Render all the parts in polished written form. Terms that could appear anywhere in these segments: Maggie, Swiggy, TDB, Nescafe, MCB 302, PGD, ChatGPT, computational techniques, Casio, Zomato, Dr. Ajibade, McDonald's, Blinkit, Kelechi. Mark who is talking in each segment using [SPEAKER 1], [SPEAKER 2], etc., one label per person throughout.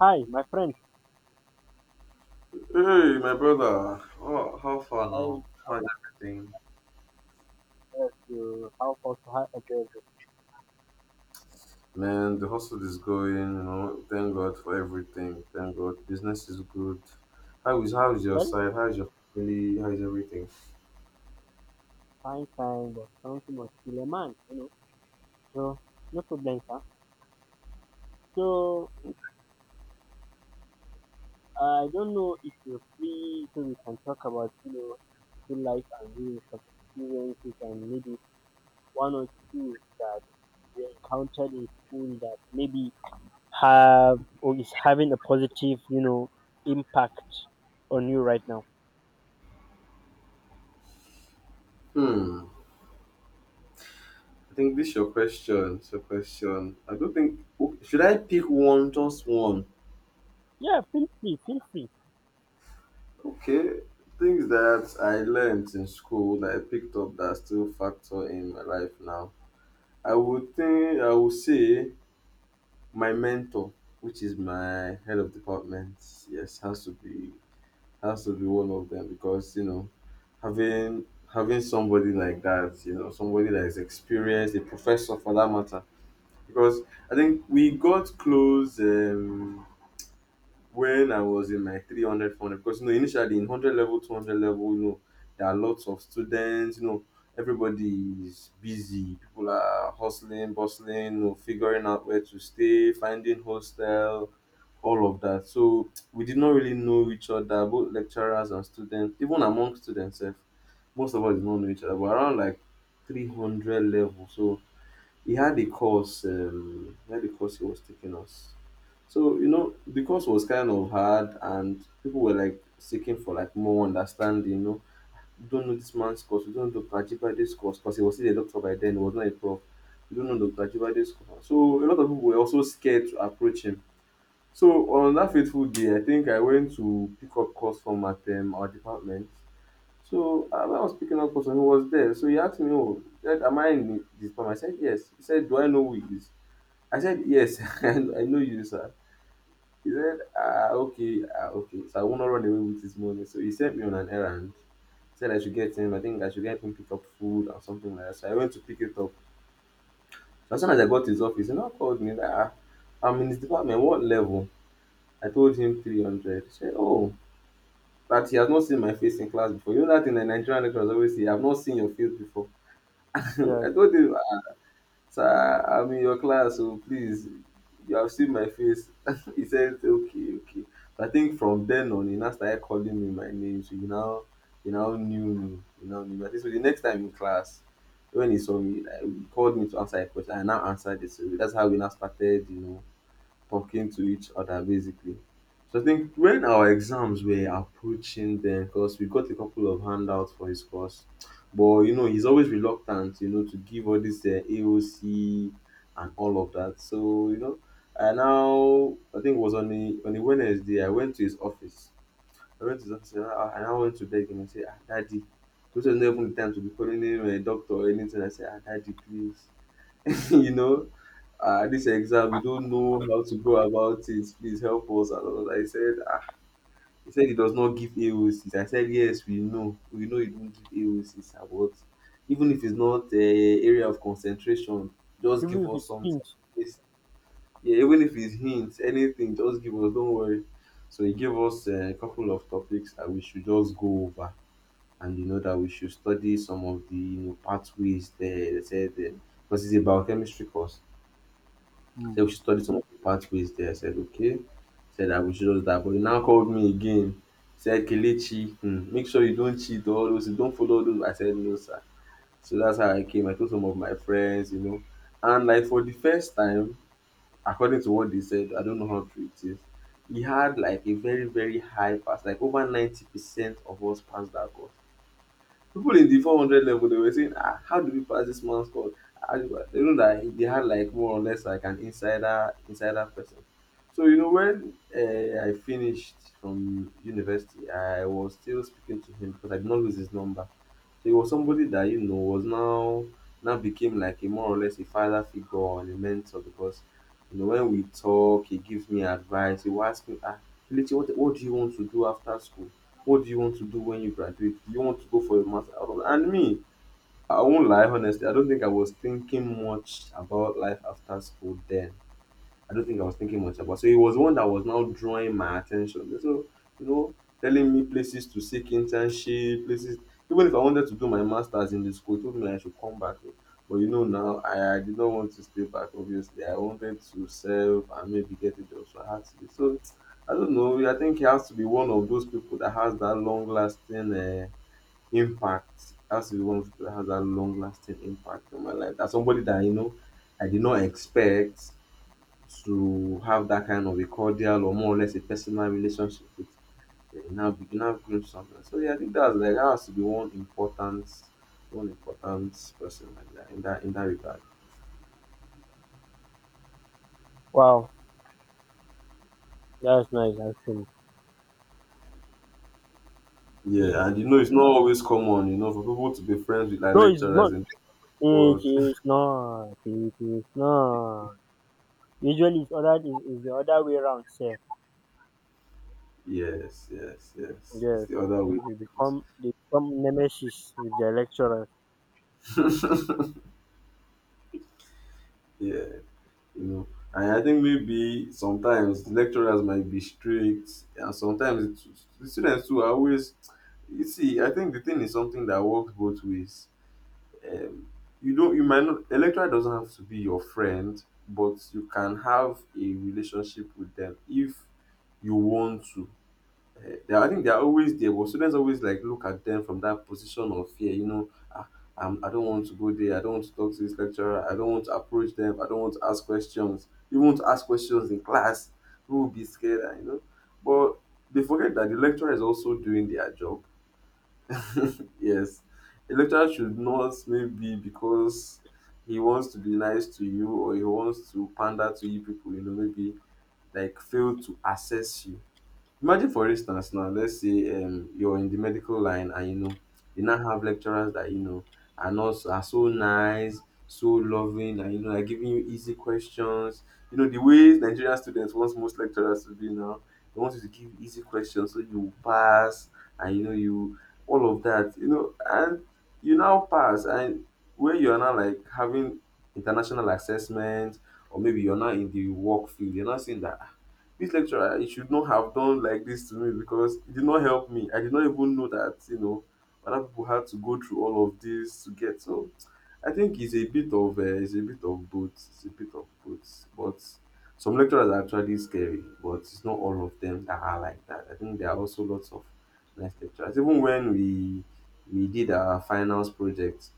[SPEAKER 1] Hi, my friend.
[SPEAKER 2] Hey, my brother. Oh, how far
[SPEAKER 1] I
[SPEAKER 2] now? How's everything?
[SPEAKER 1] observed you how far to have a good with
[SPEAKER 2] Man, the hustle is going, you know. Thank God for everything. Thank God. Business is good. How is your
[SPEAKER 1] well,
[SPEAKER 2] side? How is your family? How is everything?
[SPEAKER 1] fine time, but something must kill a man, you know. So no problem, sir. So I don't know if you're free, so we can talk about school life and real life experiences and maybe one or two that we encountered in school that maybe have or is having a positive impact on you right now.
[SPEAKER 2] Hmm. I think this your question. It's your question. I don't think o- Should I pick one, just one?
[SPEAKER 1] Yeah, feel free, feel free.
[SPEAKER 2] Okay. Things that I learned in school that I picked up that still factor in my life now. I would say my mentor, which is my head of department, yes, has to be one of them because, you know, having having somebody like that, you know, somebody that is experienced, a professor for that matter. Because I think we got close when I was in my 300, 400. Because, you know, initially in 100 level, 200 level, you know, there are lots of students. You know, everybody is busy. People are hustling, bustling, you know, figuring out where to stay, finding hostel, all of that. So we did not really know each other, both lecturers and students. Even among students sef, most of us did not know each other, but around like 300 level. So he had a course. He had a course he was taking us. So, you know, the course was kind of hard and people were like seeking for like more understanding, you know. You don't know this man's course, We don't know Dr. Ajibade's course, because he was still a doctor by then, he was not a prof. We don't know Dr. Ajibade's course. So a lot of people were also scared to approach him, so on that fateful day, I think I went to pick up calls from at our department. So when I was picking up custom, he was there. So he asked me, "Oh, he am I in this department?" I said, "Yes." He said, "Do I know who it is?" I said, "Yes, I know you, sir." He said, "Ah, okay, ah, okay. So I will not run away with his money." So he sent me on an errand. Said I should get him, I think I should get him, pick up food or something like that. So I went to pick it up. So as soon as I got his office, he now called me. Like, ah, I'm in his department. What level? I told him 300. He said, oh, that he has not seen my face in class before. You know that in the Nigerian, lecturers always say, "I've not seen your face before."
[SPEAKER 1] Yeah,
[SPEAKER 2] I told him, sir, I'm in your class, so please, you have seen my face. He said, okay, okay. So I think from then on, he now started calling me my name. So he now knew me. He now knew me. I think so the next time in class, when he saw me, like, he called me to answer a question. I now answered it. So that's how we now started, you know, talking to each other basically. So I think when our exams were approaching then, because we got a couple of handouts for his course, but you know, he's always reluctant, you know, to give all this AOC and all of that. So, you know, I think it was on on the Wednesday, I went to his office. I went to his office and I went to beg him and say, ah, Daddy, this was not even the time to be calling him a doctor or anything. I said, ah, Daddy, please, you know, ah, this exam, we don't know how to go about it. Please help us. And all that. I said, ah, he said he does not give AOCs. I said, yes, we know. We know you don't give AOCs. Ah, but even if it's not area of concentration, just
[SPEAKER 1] even
[SPEAKER 2] give
[SPEAKER 1] if
[SPEAKER 2] us
[SPEAKER 1] it's
[SPEAKER 2] something.
[SPEAKER 1] pinch.
[SPEAKER 2] It's, yeah, even if it's hints, anything, just give us. Don't worry. So he gave us a couple of topics that we should just go over. And you know that we should study some of the, you know, pathways there. They said, because it's a biochemistry course, said we should study some of the pathways there. I said, okay. Said that we should just that. But he now called me again. Said, Kelechi, hmm, make sure you don't cheat all those, you don't follow those. I said, no, sir. So that's how I came. I told some of my friends, you know. And like for the first time, according to what they said, I don't know how true it is, he had like a very, very high pass, like over 90% of us passed that course. People in the 400 level, they were saying, ah, how do we pass this man's call? Ah, you know that they had like more or less like an insider person. So you know when I finished from university, I was still speaking to him because I did not lose his number. So he was somebody that, you know, was now became like a more or less a father figure and a mentor, because, you know, when we talk, he gives me advice. He will ask me, ah, Kelechi, what do you want to do after school? What do you want to do when you graduate? Do you want to go for a master? And me, I won't lie, honestly, I don't think I was thinking much about life after school then. I don't think I was thinking much about. So it was one that was now drawing my attention. So, you know, telling me places to seek internship, places, even if I wanted to do my masters in the school, told me I should come back. But you know now, I did not want to stay back, obviously. I wanted to serve and maybe get a job. So I had to leave. So I don't know. I think he has to be one of those people that has that long lasting impact. Has to be one of those people that has that long lasting impact on my life. That's somebody that, you know, I did not expect to have that kind of a cordial or more or less a personal relationship with, now begin now groom something. So yeah, I think that's like that has to be one important person like that in that regard.
[SPEAKER 1] Wow, that's nice actually.
[SPEAKER 2] Yeah, and you know it's not always common, you know, for people to be friends with like
[SPEAKER 1] No, it's
[SPEAKER 2] lecturers
[SPEAKER 1] not.
[SPEAKER 2] in the
[SPEAKER 1] It
[SPEAKER 2] world.
[SPEAKER 1] is not. It is not. Usually, it's other is the other way around. Sir,
[SPEAKER 2] Yes, yes, yes. It's
[SPEAKER 1] yes,
[SPEAKER 2] the other way.
[SPEAKER 1] they become nemesis with the lecturer.
[SPEAKER 2] Yeah, you know. And I think maybe sometimes lecturers might be strict, and sometimes the students too are always. You see, I think the thing is something that works both ways. Um, you might not. A lecturer doesn't have to be your friend, but you can have a relationship with them if you want to. I think they are always there, but students always like look at them from that position of fear, you know, ah, I don't want to go there, I don't want to talk to this lecturer, I don't want to approach them, I don't want to ask questions. Even want to ask questions in class, people will be scared, and, you know. But they forget that the lecturer is also doing their job. Yes, a lecturer should not, maybe because he wants to be nice to you or he wants to pander to you people, you know, maybe like fail to assess you. Imagine for instance now, let's say you're in the medical line and you know you now have lecturers that you know are not are so nice, so loving, and you know are giving you easy questions. You know the way Nigerian students want most lecturers to be now. They want you to give easy questions so you pass, and you know you, all of that. You know, and you now pass, and when you are now like having international assessment, or maybe you're not in the work field, you're not seeing that, this lecturer he should not have done like this to me because it did not help me. I did not even know that, you know, other people had to go through all of this to get. So I think it's a bit of it's a bit of both. It's a bit of both, but some lecturers are actually scary, but it's not all of them that are like that. I think there are also lots of nice lecturers. Even when we did our finals project,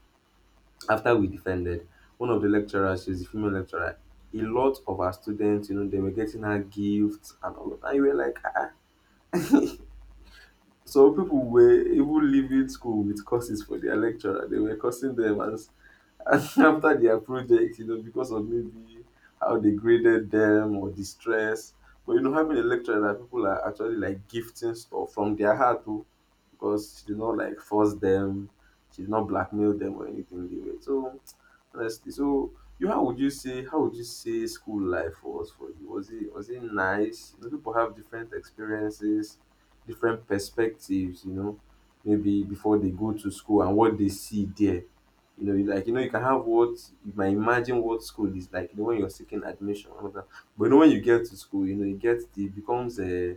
[SPEAKER 2] after we defended, one of the lecturers, she's a female lecturer, a lot of our students, you know, they were getting her gifts and all of that. And you were like, ah. So people were even leaving school with courses for their lecturer. They were cursing them as after their project, you know, because of maybe how they graded them or the stress. But you know, having a lecturer that people are actually like gifting stuff from their heart too, because she did not like force them, she did not blackmail them or anything. They were so. Honestly. So you how would you say how would you say school life was for you? Was it nice? You know, people have different experiences, different perspectives, you know, maybe before they go to school and what they see there. You know, you know, you can have what you might imagine what school is like, you know, when you're seeking admission and all that. But you know when you get to school, you know, it gets it becomes a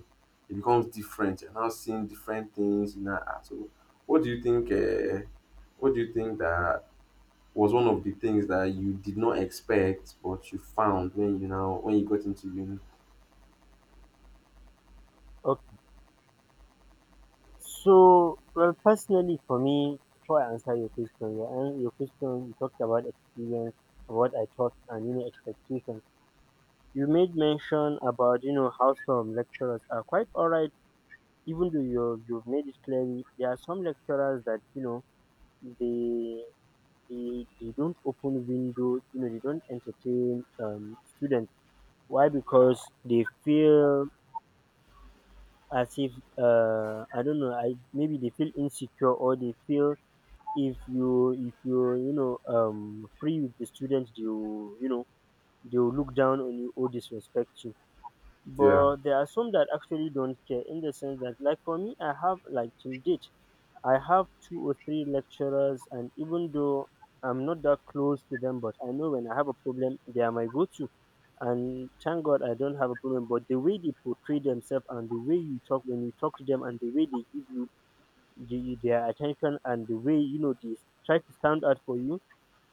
[SPEAKER 2] it becomes different. You're now seeing different things, you know. So what do you think uh, what do you think that was one of the things that you did not expect, but you found when you now when you got into uni?
[SPEAKER 1] Okay. So, well, personally, for me, before I answer your question, your question you talked about experience, what I thought, and expectations. You made mention about how some lecturers are quite alright, even though you you've made it clearly. There are some lecturers that you know they they don't open windows they don't entertain students. Why? Because they feel as if I don't know. I maybe they feel insecure, or they feel if you you know free with the students, they will they will look down on you or disrespect you.
[SPEAKER 2] Yeah,
[SPEAKER 1] But there are some that actually don't care, in the sense that, like for me, I have, like, till date I have 2 or 3 lecturers, and even though I'm not that close to them, but I know when I have a problem, they are my go to. And thank God I don't have a problem. But the way they portray themselves and the way you talk, when you talk to them, and the way they give you their attention and the way, you know, they try to stand out for you,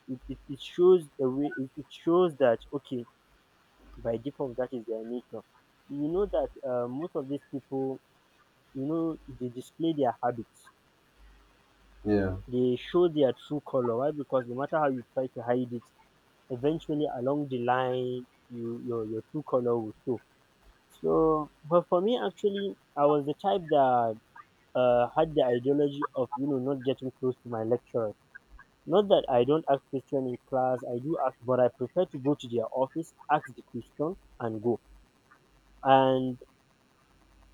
[SPEAKER 1] it shows a way, it shows that, okay, by default, that is their nature. You know that most of these people, you know, they display their habits,
[SPEAKER 2] yeah.
[SPEAKER 1] they show their true color. Why? Because no matter how you try to hide it, eventually along the line, you your true color will show. So, but for me, actually, I was the type that had the ideology of not getting close to my lecturers. Not that I don't ask question in class, I do ask, but I prefer to go to their office, ask the question, and go. And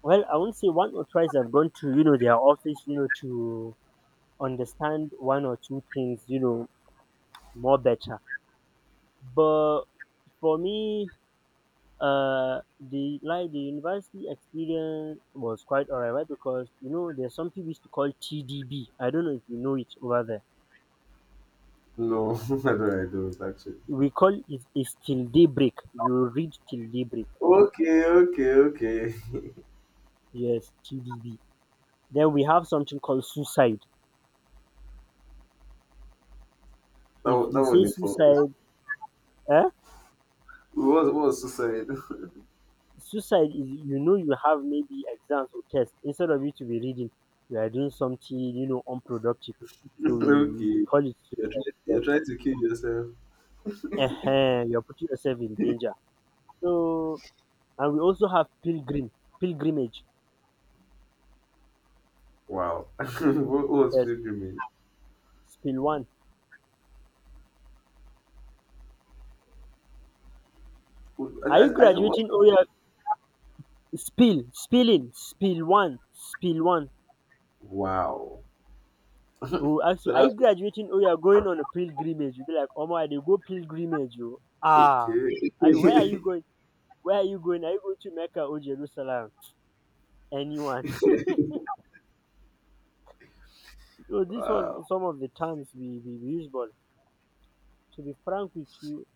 [SPEAKER 1] well, I won't say one or twice I've gone to their office, you know, to understand one or two things, you know, more better. But for me, the like the university experience was quite alright, right? Because you know there's something we used to call TDB. I don't know if you know it over there.
[SPEAKER 2] No, I don't. I don't actually.
[SPEAKER 1] We call it is till daybreak. You read till daybreak.
[SPEAKER 2] Okay, okay, okay.
[SPEAKER 1] Yes, TDB. Then we have something called suicide. If you
[SPEAKER 2] That
[SPEAKER 1] say
[SPEAKER 2] wasn't it for.
[SPEAKER 1] suicide, eh?
[SPEAKER 2] What was suicide?
[SPEAKER 1] Suicide is you know you have maybe exams or tests, instead of you to be reading, you are doing something, you know, unproductive. So we
[SPEAKER 2] Okay,
[SPEAKER 1] call it suicide. Yes.
[SPEAKER 2] you're trying to kill yourself.
[SPEAKER 1] Ehen, you're putting yourself in danger. So, and we also have pilgrim, pilgrimage.
[SPEAKER 2] Wow. What was
[SPEAKER 1] Yes,
[SPEAKER 2] pilgrimage?
[SPEAKER 1] spill one.
[SPEAKER 2] I
[SPEAKER 1] Are you
[SPEAKER 2] I, I don't what.
[SPEAKER 1] graduating? Oh yeah, spill one, spill one.
[SPEAKER 2] Wow.
[SPEAKER 1] We will ask
[SPEAKER 2] So
[SPEAKER 1] you, are you
[SPEAKER 2] that's
[SPEAKER 1] graduating? Oh, you are going on a pilgrimage. You'll be like, oh my, they go pilgrimage. You ah,
[SPEAKER 2] okay.
[SPEAKER 1] I, where are you going? Where are you going? Are you going to Mecca or Jerusalem? Anyone? So this
[SPEAKER 2] wow.
[SPEAKER 1] was some of the terms we used, but to be frank with you,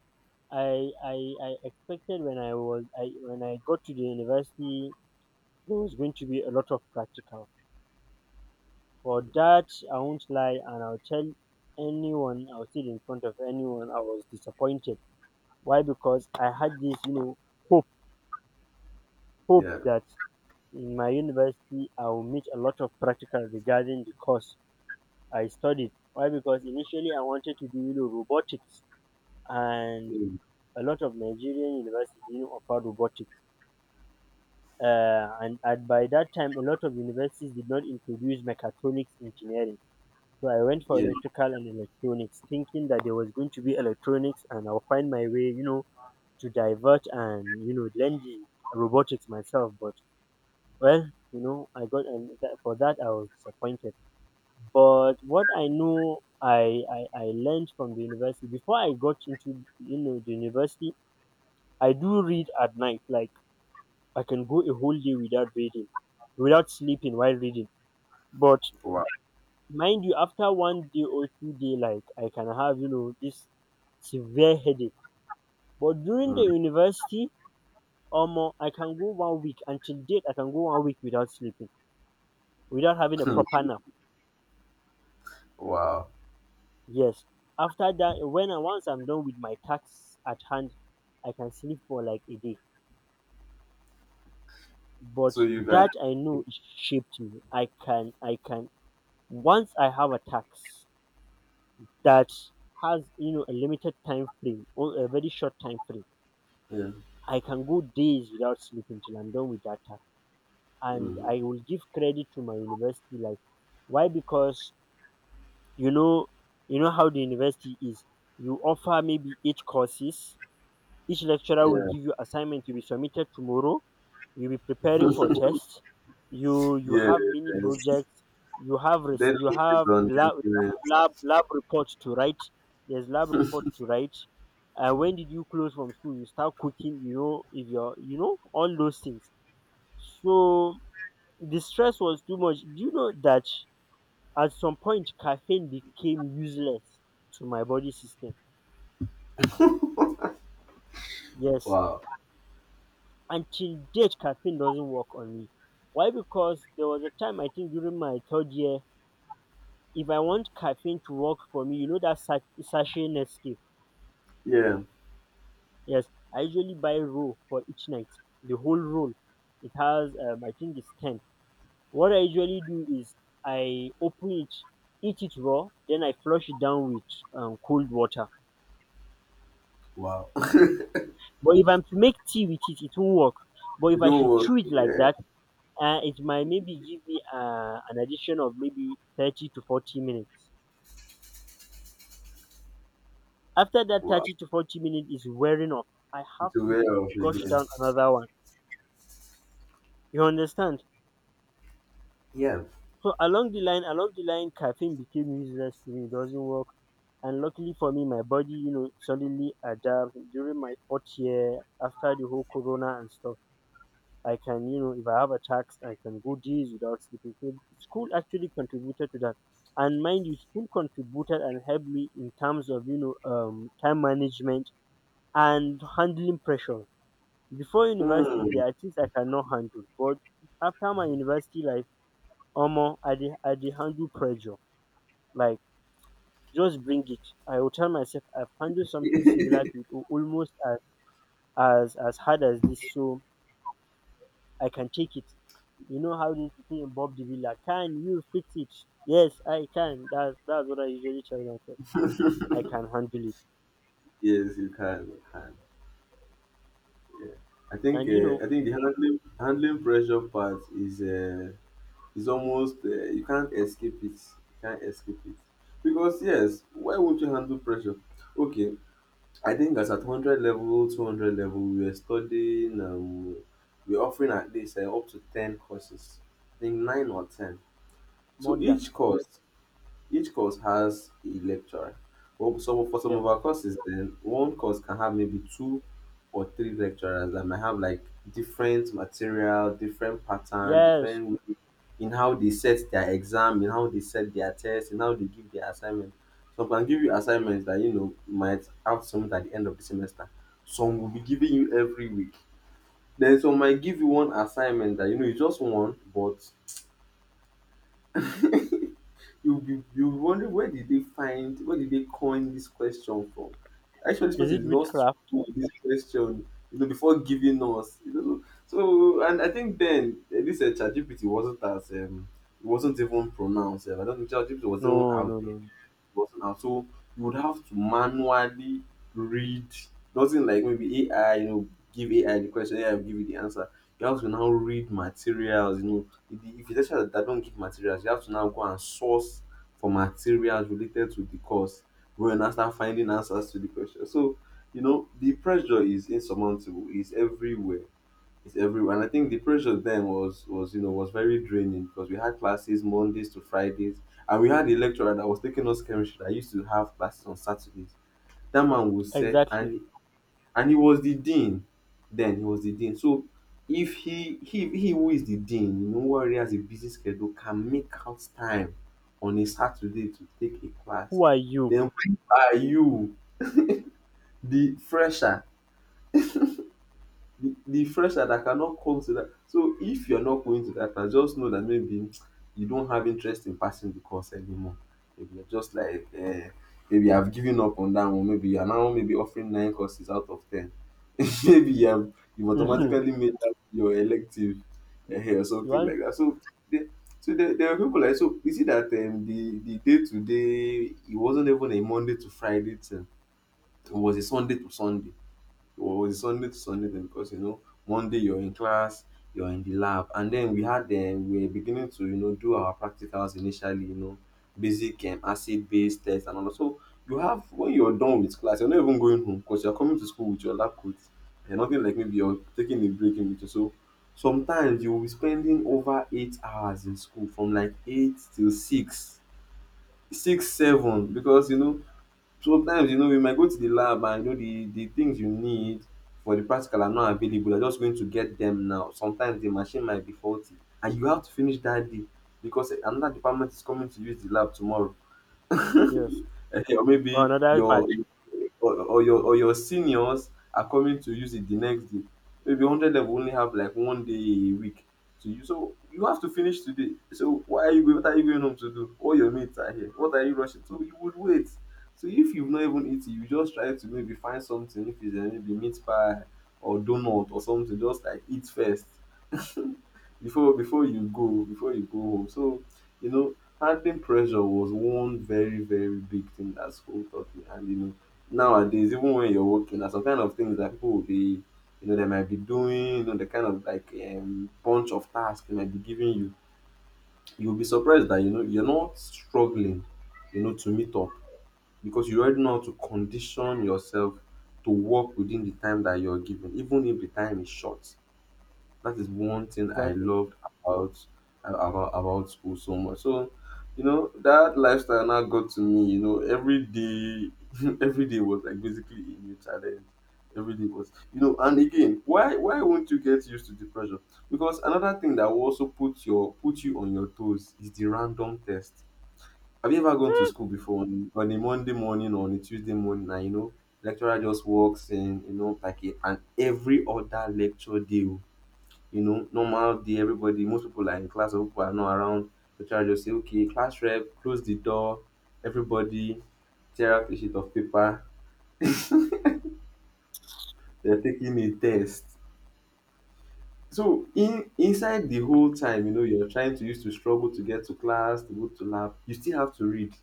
[SPEAKER 1] I expected when I was I when I got to the university there was going to be a lot of practical. For that I won't lie, and I'll tell anyone, I'll sit in front of anyone, I was disappointed. Why? Because I had this, you know, hope hope
[SPEAKER 2] Yeah.
[SPEAKER 1] that in my university I will meet a lot of practical regarding the course I studied. Why? Because initially I wanted to do, you know, robotics, and
[SPEAKER 2] Mm.
[SPEAKER 1] a lot of Nigerian universities, you know, offer robotics, and by that time a lot of universities did not introduce mechatronics engineering, so I went for
[SPEAKER 2] Yeah.
[SPEAKER 1] electrical and electronics, thinking that there was going to be electronics and I'll find my way, you know, to divert and you know learn the robotics myself. But well, you know, I got and that, for that I was disappointed. But what I know I learned from the university before I got into you know the university, I do read at night. Like, I can go a whole day without reading, without sleeping while reading. But
[SPEAKER 2] Wow.
[SPEAKER 1] mind you, after one day or two-day, like I can have you know this severe headache. But during the
[SPEAKER 2] Mm.
[SPEAKER 1] university, or more, I can go one week until date. I can go one week without sleeping, without having a proper nap.
[SPEAKER 2] wow.
[SPEAKER 1] Yes. After that, when I once I'm done with my tasks at hand, I can sleep for like a day.
[SPEAKER 2] So
[SPEAKER 1] But
[SPEAKER 2] you guys.
[SPEAKER 1] that I know it shaped me. I can, I can. Once I have a task that has you know a limited time frame or a very short time frame,
[SPEAKER 2] Yeah.
[SPEAKER 1] I can go days without sleeping till I'm done with that task. And
[SPEAKER 2] Mhm.
[SPEAKER 1] I will give credit to my university life. Why? Because you know how the university is. You offer maybe 8 courses, each lecturer will
[SPEAKER 2] Yeah,
[SPEAKER 1] give you assignment to be submitted tomorrow. You'll be preparing for tests. You
[SPEAKER 2] yeah,
[SPEAKER 1] have many
[SPEAKER 2] yes.
[SPEAKER 1] projects. You have you
[SPEAKER 2] Dedicated
[SPEAKER 1] have
[SPEAKER 2] on
[SPEAKER 1] lab
[SPEAKER 2] deadline.
[SPEAKER 1] lab report to write. There's lab report to write. And when did you close from school? You start cooking. You know if you're you know all those things. So the stress was too much. Do you know that at some point caffeine became useless to my body system? Yes,
[SPEAKER 2] Wow.
[SPEAKER 1] until date, caffeine doesn't work on me. Why? Because there was a time, I think during my 3rd year, if I want caffeine to work for me, you know that sachet Nescafe?
[SPEAKER 2] Yeah,
[SPEAKER 1] Yes, I usually buy roll for each night, the whole roll. It has, I think it's 10. What I usually do is I open it, eat it raw, then I flush it down with cold water.
[SPEAKER 2] wow.
[SPEAKER 1] But if I'm to make tea with it, it won't work. But
[SPEAKER 2] You
[SPEAKER 1] if I
[SPEAKER 2] don't
[SPEAKER 1] should
[SPEAKER 2] work.
[SPEAKER 1] chew it like
[SPEAKER 2] Yeah,
[SPEAKER 1] that, it might maybe give me an addition of maybe 30 to 40 minutes. After that
[SPEAKER 2] wow.
[SPEAKER 1] 30 to 40 minutes is wearing off, I have
[SPEAKER 2] It's a
[SPEAKER 1] to
[SPEAKER 2] way of
[SPEAKER 1] gush
[SPEAKER 2] again.
[SPEAKER 1] down another one. You understand?
[SPEAKER 2] Yeah.
[SPEAKER 1] So along the line, caffeine became useless to me. It doesn't work. And luckily for me, my body, you know, suddenly adapts during my 4th year after the whole corona and stuff. I can, you know, if I have a task, I can go days without sleeping. So school actually contributed to that. And mind you, school contributed and helped me in terms of, you know, time management and handling pressure. Before university,
[SPEAKER 2] Mm.
[SPEAKER 1] there are things I cannot handle. But after my university life, Omo, I did handle pressure. Like, just bring it. I will tell myself I've handled something similar to it, almost as hard as this, so I can take it. You know how this thing in Bob the Villa. Can you fix it? Yes, I can. That's what I usually tell myself. I can handle it.
[SPEAKER 2] Yes, you can. You can.
[SPEAKER 1] And you know,
[SPEAKER 2] I think the handling pressure part is almost you can't escape it. You can't escape it because yes, why won't you handle pressure? Okay, I think as at 100 level, 200 level, we were studying, we are offering at least up to 10 courses, I think 9 or 10.
[SPEAKER 1] more
[SPEAKER 2] So
[SPEAKER 1] than
[SPEAKER 2] each course has a lecturer. Well, so for some
[SPEAKER 1] yes.
[SPEAKER 2] of our courses, then one course can have maybe two or three lecturers that might have like different material, different pattern,
[SPEAKER 1] Yes.
[SPEAKER 2] different way in how they set their exam, in how they set their test, in how they give their assignment. Some can give you assignments that you know might have some at the end of the semester. Some will be giving you every week. Then some might give you one assignment that you know you just want, but you'll be wondering where did they coin this question from? Actually, this
[SPEAKER 1] Is
[SPEAKER 2] person
[SPEAKER 1] it
[SPEAKER 2] did not
[SPEAKER 1] witchcraft?
[SPEAKER 2] struggle with this question, you know, before giving us. You know? So, and I think then this ChatGPT wasn't as it wasn't even pronounced. I don't think ChatGPT was even
[SPEAKER 1] No,
[SPEAKER 2] out
[SPEAKER 1] no,
[SPEAKER 2] there
[SPEAKER 1] no. no.
[SPEAKER 2] books now. So you would have to manually read, nothing like maybe AI, you know, give AI the question, AI will give you the answer. You have to now read materials, you know. If the lecturer that don't give materials, you have to now go and source for materials related to the course. Go and now start finding answers to the question. So, you know, the pressure is insurmountable, is everywhere it's everywhere. And I think the pressure then was you know was very draining because we had classes Mondays to Fridays, and we had a lecturer that was taking us chemistry that used to have classes on Saturdays. That man would set
[SPEAKER 1] Exactly.
[SPEAKER 2] and he was the dean. Then he was the dean. So if he who is the dean, you know, who already has a busy schedule, can make out time on a Saturday to take a class,
[SPEAKER 1] Who are you?
[SPEAKER 2] then where are you, the fresher the fresher that cannot come to that. So if you're not going to that class, just know that maybe you don't have interest in passing the course anymore. Maybe you're just like maybe I've given up on that one. Maybe you're now maybe offering nine courses out of ten. Maybe you have you automatically made that your elective or
[SPEAKER 1] you
[SPEAKER 2] something
[SPEAKER 1] want
[SPEAKER 2] like that. So there, there are people like so. You see that the day to day it wasn't even a Monday to Friday thing. It was a Sunday to Sunday or it's Sunday to Sunday then because you know Monday you're in class, you're in the lab, and then we had them we were beginning to you know do our practicals initially, you know, basic acid base test and all that. So you have when you're done with class, you're not even going home because you're coming to school with your lab coat. And nothing like maybe you're taking a break in between. So sometimes you will be spending over 8 hours in school from like 8 till 6, 6, 7 because you know sometimes you know you might go to the lab and you know the things you need for the practical are not available. You're just going to get them now. Sometimes the machine might be faulty and you have to finish that day because another department is coming to use the lab tomorrow. Or
[SPEAKER 1] yes. Oh,
[SPEAKER 2] maybe
[SPEAKER 1] another
[SPEAKER 2] your
[SPEAKER 1] batch.
[SPEAKER 2] or your seniors are coming to use it the next day. Maybe 100 level only have like one day a week to use. So you have to finish today. So why are you what are you going home to do? All your mates are here. What are you rushing? So you would wait. So if you've not even eaten, you just try to maybe find something. If it's maybe meat pie or donut or something, just like eat first before you go home. So you know, handling pressure was one very big thing that school taught me. And you know, nowadays even when you're working, there's some kind of things that people will be, you know, they might be doing, you know, the kind of like bunch of tasks they might be giving you. You'll be surprised that you know you're not struggling, you know, to meet up because you already know how to condition yourself to work within the time that you're given, even if the time is short. That is one thing I
[SPEAKER 1] Exactly.
[SPEAKER 2] loved about about school so much. So, you know, that lifestyle now got to me. You know, every day, every day was like basically a new challenge. Every day was, you know, and again, why won't you get used to the pressure? Because another thing that will also put you on your toes is the random test. Have you ever gone to school before on a Monday morning or on a Tuesday morning? And you know, lecturer just walks in, you know, like a, and every other lecture day oh? You know, normal day, everybody, most people are in class, some people are not around. The teacher will just say, okay, class rep, close the door, everybody tear out a sheet of paper, they're taking a test. So in inside the whole time, you know, you're trying to use to struggle to get to class, to go to lab, you still have to read.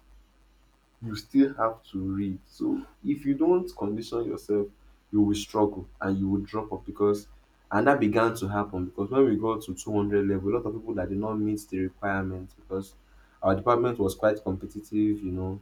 [SPEAKER 2] You still have to read. So if you don't condition yourself, you will struggle and you will drop off because and that began to happen because when we got to 200 level, a lot of people that did not meet the requirements because our department was quite competitive, you know.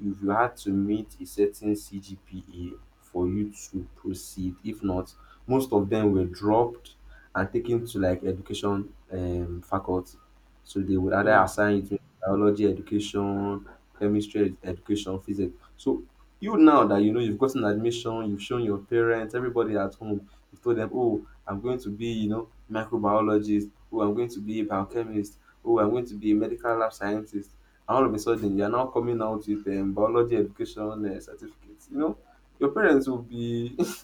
[SPEAKER 2] If you had to meet a certain CGPA for you to proceed, if not, most of them were dropped and taken to like education faculty. So they would either
[SPEAKER 1] Mm.
[SPEAKER 2] assign you to biology education, chemistry, education, physics. So you now that you know you've gotten admission, you've shown your parents, everybody at home, you've told them, oh, I'm going to be, you know, microbiologist, oh, I'm going to be a biochemist, oh, I'm going to be a medical lab scientist. And all of a sudden, you're now coming out with biology education certificates. You know, your parents will be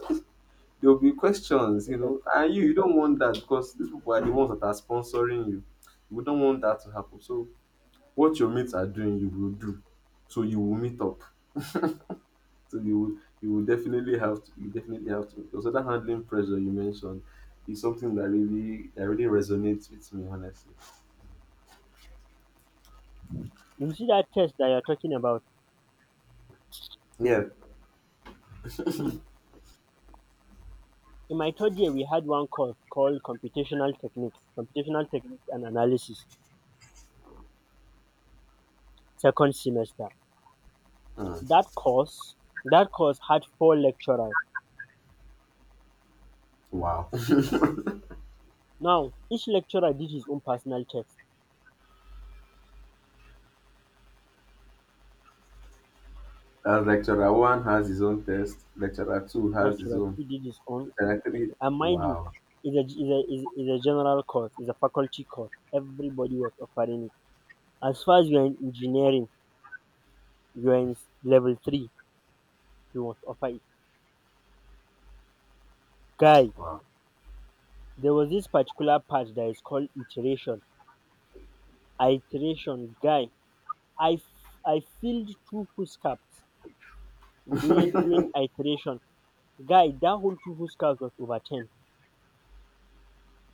[SPEAKER 2] there will be questions, you know, and you don't want that because these people are the ones that are sponsoring you. We don't want that to happen. So what your mates are doing you will do, so you will meet up, so you will definitely have to because that handling pressure you mentioned is something that really that really resonates with me, honestly.
[SPEAKER 1] You see that test that you're talking about? Hmm.
[SPEAKER 2] Yeah.
[SPEAKER 1] Hmm. In my 3rd year, we had one course called computational techniques and analysis, second semester.
[SPEAKER 2] Mm.
[SPEAKER 1] That course that course had 4 lecturers.
[SPEAKER 2] Wow.
[SPEAKER 1] Now, each lecturer did his own personal text.
[SPEAKER 2] As lecturer one has his own test, lecturer two has his
[SPEAKER 1] Lecturer
[SPEAKER 2] own,
[SPEAKER 1] 2 did his own
[SPEAKER 2] lecturer three.
[SPEAKER 1] lecture. And mind you,
[SPEAKER 2] Wow.
[SPEAKER 1] it's a, it's a general course, it's a faculty course. Everybody was offering it. As far as you're in engineering, you're in level 3, you must offer it. Guy,
[SPEAKER 2] Wow.
[SPEAKER 1] there was this particular part that is called iteration. Iteration, guy. I filled two full caps during, during iteration. Guy, that whole two full caps was over 10.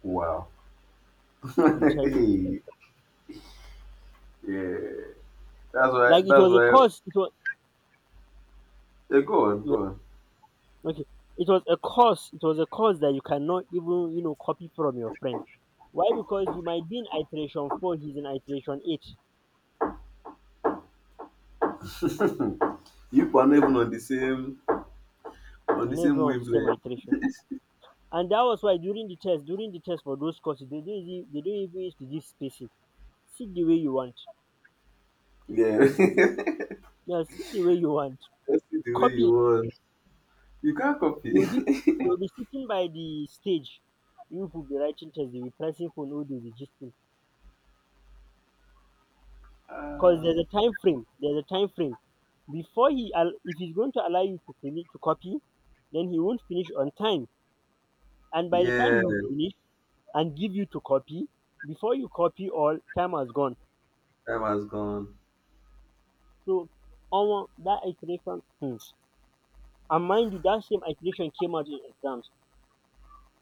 [SPEAKER 2] Wow.
[SPEAKER 1] I'm telling you.
[SPEAKER 2] Yeah, that's why,
[SPEAKER 1] Like it was a course. It was
[SPEAKER 2] yeah, go on,
[SPEAKER 1] yeah, okay. It was a course that you cannot even you know copy from your friend. Why? Because you might be in iteration 4, he's in iteration 8,
[SPEAKER 2] you people are not even on the same,
[SPEAKER 1] and everyone on the same
[SPEAKER 2] wavelength.
[SPEAKER 1] iteration. And that was why during the test for those courses, they don't even use to give spacing. Sit the way you want.
[SPEAKER 2] Yeah.
[SPEAKER 1] Yeah, sit the way you want.
[SPEAKER 2] Just do the way you
[SPEAKER 1] Copy.
[SPEAKER 2] want. You can't copy.
[SPEAKER 1] You'll be you'll be sitting by the stage. You will be writing test. You'll be pressing phone. Oh, they'll be gisting. Because
[SPEAKER 2] Ah,
[SPEAKER 1] there's a time frame if he's going to allow you to finish to copy, then he won't finish on time, and by the time
[SPEAKER 2] yeah,
[SPEAKER 1] you finish and give you to copy, before you copy all time has gone.
[SPEAKER 2] time has gone.
[SPEAKER 1] So almost that iteration. Hmm. And mind you, that same iteration came out in exams.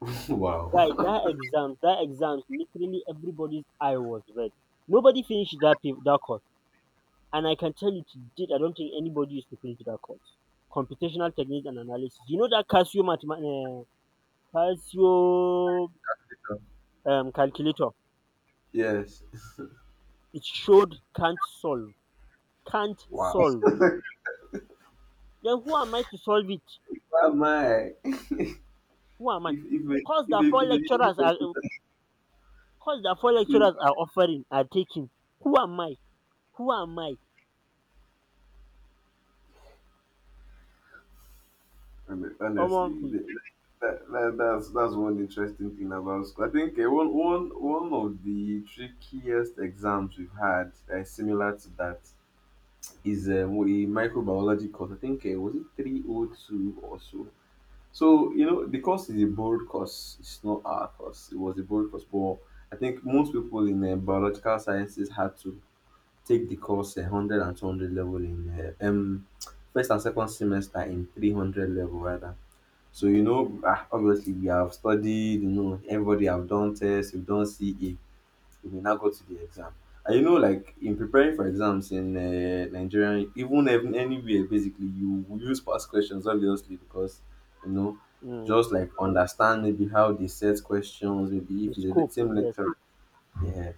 [SPEAKER 1] Guy,
[SPEAKER 2] Wow.
[SPEAKER 1] that exams, literally everybody's eye was red. Nobody finished that paper, that course. And I can tell you, to date, I don't think anybody is preparing to that course. Computational techniques and analysis. You know that Casio calculator.
[SPEAKER 2] Yes.
[SPEAKER 1] It showed can't solve. Can't
[SPEAKER 2] Wow.
[SPEAKER 1] solve. Then who am I to solve it?
[SPEAKER 2] Why am I?
[SPEAKER 1] Who am I?
[SPEAKER 2] If a,
[SPEAKER 1] Cause
[SPEAKER 2] if a,
[SPEAKER 1] the
[SPEAKER 2] if
[SPEAKER 1] four
[SPEAKER 2] a using
[SPEAKER 1] lecturers are
[SPEAKER 2] computer,
[SPEAKER 1] Cause the four
[SPEAKER 2] if-
[SPEAKER 1] lecturers are offering are taking. Who am I? Who am I?
[SPEAKER 2] I mean,
[SPEAKER 1] Um,
[SPEAKER 2] honestly,
[SPEAKER 1] hmm,
[SPEAKER 2] that's one interesting thing about school. I think one of the trickiest exams we've had that is similar to that is a microbiology course. I think was it three o two or so. So, you know, the course is a bold course. It's not our course. It was a bold course, but I think most people in biological sciences had to take the course 100 and 200 level in first and second semester in 300 level rather. So, you know, ah, obviously we have studied, you know, everybody have done tests, we've done CA, you may now go to the exam. And you know, like in preparing for exams in Nigerian, even if anywhere, basically, you will use past questions, obviously, because you know,
[SPEAKER 1] hmm,
[SPEAKER 2] just like understand maybe how they set questions, maybe
[SPEAKER 1] the
[SPEAKER 2] if it's the
[SPEAKER 1] scope.
[SPEAKER 2] same
[SPEAKER 1] Yes,
[SPEAKER 2] lecture, yeah,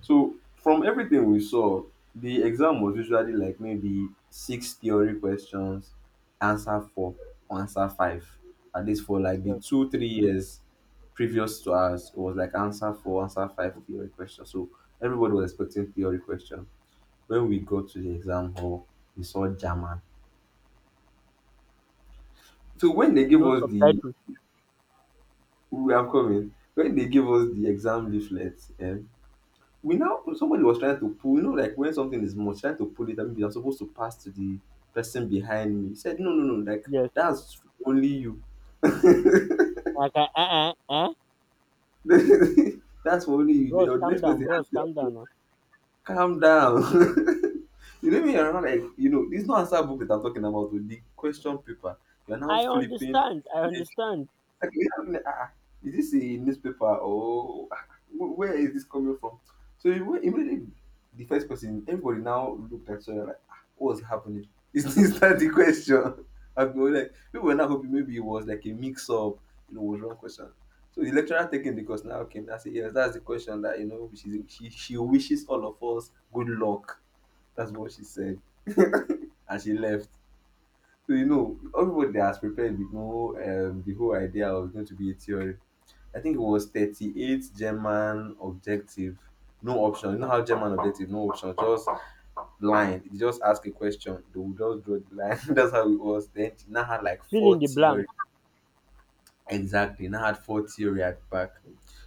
[SPEAKER 2] so from everything we saw, the exam was usually like maybe six theory questions, answer four or answer five. At least for like the
[SPEAKER 1] yes.
[SPEAKER 2] two, 3 years previous to us, it was like answer four, answer five theory questions. So everybody was expecting theory question. When we got to the exam hall, we saw German. So when they
[SPEAKER 1] With
[SPEAKER 2] gave
[SPEAKER 1] no
[SPEAKER 2] us the
[SPEAKER 1] subtitles.
[SPEAKER 2] we are coming, when they gave us the exam leaflet, eh, we now somebody was trying to pull, you know, like when something is much trying to pull it that maybe I'm supposed to pass to the person behind me, he said no, no, no, like
[SPEAKER 1] Yes.
[SPEAKER 2] that's for only you.
[SPEAKER 1] Like, uh, uh, uh,
[SPEAKER 2] That's for only you,
[SPEAKER 1] bros,
[SPEAKER 2] the
[SPEAKER 1] calm
[SPEAKER 2] next
[SPEAKER 1] down,
[SPEAKER 2] person has
[SPEAKER 1] bros, calm
[SPEAKER 2] to
[SPEAKER 1] down, huh?
[SPEAKER 2] calm down. You know me, you're not like, you know it's not answer book that I'm talking about, oh, the question paper you're now
[SPEAKER 1] I
[SPEAKER 2] flipping.
[SPEAKER 1] understand. I understand.
[SPEAKER 2] Like, you have like, ah, ah, is this a newspaper, or ah, where is this coming from? So when immediately the first person, everybody now looked at each other like, ah, what's happening? Is this that the question? I've been like, people were now hoping maybe it was like a mix up, you know, was wrong question. So the lecturer taking the course now came and said, yes, that's the question that, you know, she wishes all of us good luck. That's what she said. And she left. So you know, everybody has prepared with no the whole idea was going to be a theory. I think it was 38 German objective, no option. You know how German objective, no option, just line. They just ask a question, they will just draw the line. That's how it was. Then she now had like
[SPEAKER 1] Fill in
[SPEAKER 2] four
[SPEAKER 1] the
[SPEAKER 2] theory.
[SPEAKER 1] blank
[SPEAKER 2] Exactly, now had four theory at back.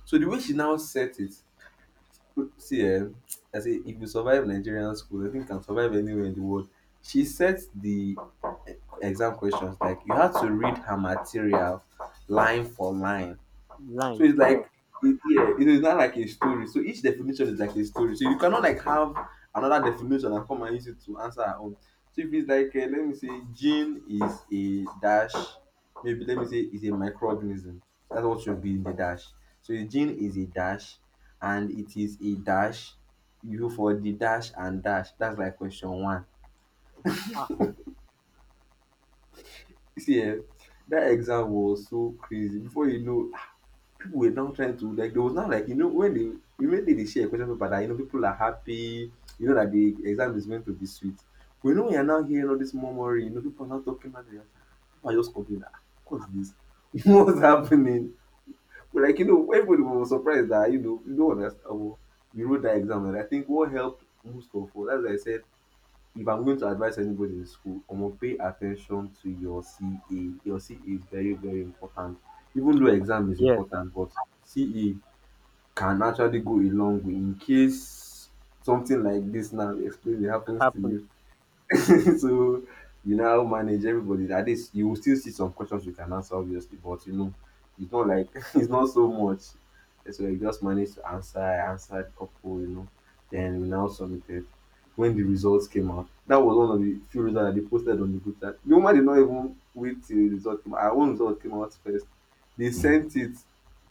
[SPEAKER 2] So the way she now set it, see, eh, I say if you survive Nigerian school, I think you can survive anywhere in the world. She sets the eh, exam questions like you had to read her material line for line, so
[SPEAKER 1] line.
[SPEAKER 2] it's
[SPEAKER 1] Yes.
[SPEAKER 2] like it, yeah, it is not like a story. So each definition is like a story. So you cannot like have another definition and come and use it to answer our own. So if it's like let me say gene is a dash, maybe let me say is a microorganism. That's what should be in the dash. So a gene is a dash, and it is a dash. You go for the dash and dash. That's like question one.
[SPEAKER 1] Ah,
[SPEAKER 2] See, eh, that exam was so crazy. Before you know, people were now trying to like there was now like, you know, when they immediately they share a question paper that, you know, people are happy, you know that the exam is going to be sweet. We know we are now hearing all this murmuring, you know, people are now talking about it. I just complain, ah, what's this? What's happening? But like, you know, everybody was surprised that, you know, you don't understand. Oh, we wrote that exam, and I think what helped most of all, as I said, if I'm going to advise anybody in school, I'm gonna pay attention to your CA. Your CA is very, very important. Even though exam is
[SPEAKER 1] yes.
[SPEAKER 2] important, but CA can actually go a long way in case something like dis now explain dey happens to
[SPEAKER 1] Happened.
[SPEAKER 2] you. So you now manage everybody. At least you will still see some questions you can answer, obviously, but you know, it's not like it's not so much. So you just managed to answer, I answered a couple, you know. Then we now submitted. When the results came out, that was one of the few results that they posted on the group chat. The woman did not even wait till the result came out. Our own result came out first. They sent it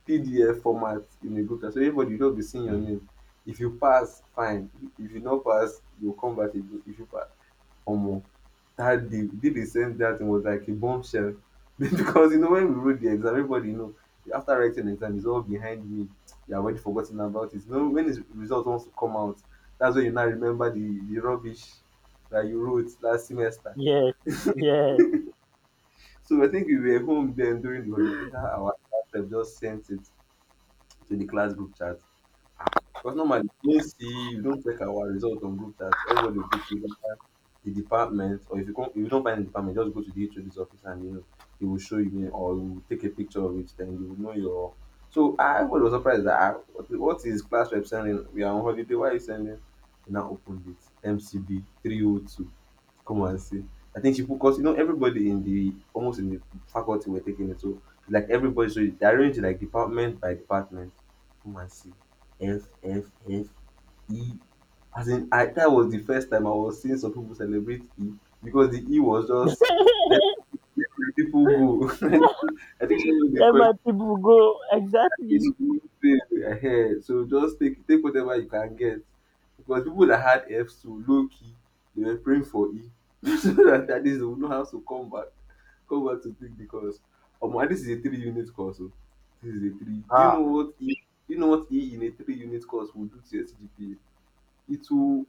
[SPEAKER 2] PDF format in the group chat. So everybody will just be seeing your name. If you pass, fine. If you not pass, you'll come back again. If you pass, or more, that day we did, the day they sent that thing was like a bombshell because you know when we wrote the exam, everybody, you know, after writing the exam is all behind me, you have already forgotten about it. You know when the result wants to come out, that's when you now remember the rubbish that you wrote last semester.
[SPEAKER 1] Yes. Yes.
[SPEAKER 2] So I think we were home then during the holiday, that's how our class rep just sent it to the class group chat. Ah, because normally you don't see, you don't check our result on group chat, everybody will go through the department, or if you can't, if you don't find the department, just go to the HOD's office and you know he will show you, or he will take a picture of it, then you will know your, so I was surprised that ah, what is class rep sending, we are on holiday, why are you sending? You now opened it, MCB 302. Come and see. I think she put cause, you know, everybody in the almost in the faculty were taking it. So like everybody, so they arranged it like department by department. Come and see. F F F E. As in, I that was the first time I was seeing some people celebrate E because the E was just let people go. I think that's what they
[SPEAKER 1] Let
[SPEAKER 2] call
[SPEAKER 1] my people go.
[SPEAKER 2] it's
[SPEAKER 1] Exactly.
[SPEAKER 2] good pay. So just take whatever you can get. Because people that had Fs too low key, they were praying for E. So that at least they will know how to come back. Come back to take the course. Omo, and this is a three unit course. Oh. This is a three. Do you
[SPEAKER 1] Ah,
[SPEAKER 2] know what E, do you know what E in a three unit course will do to your CGPA? It will,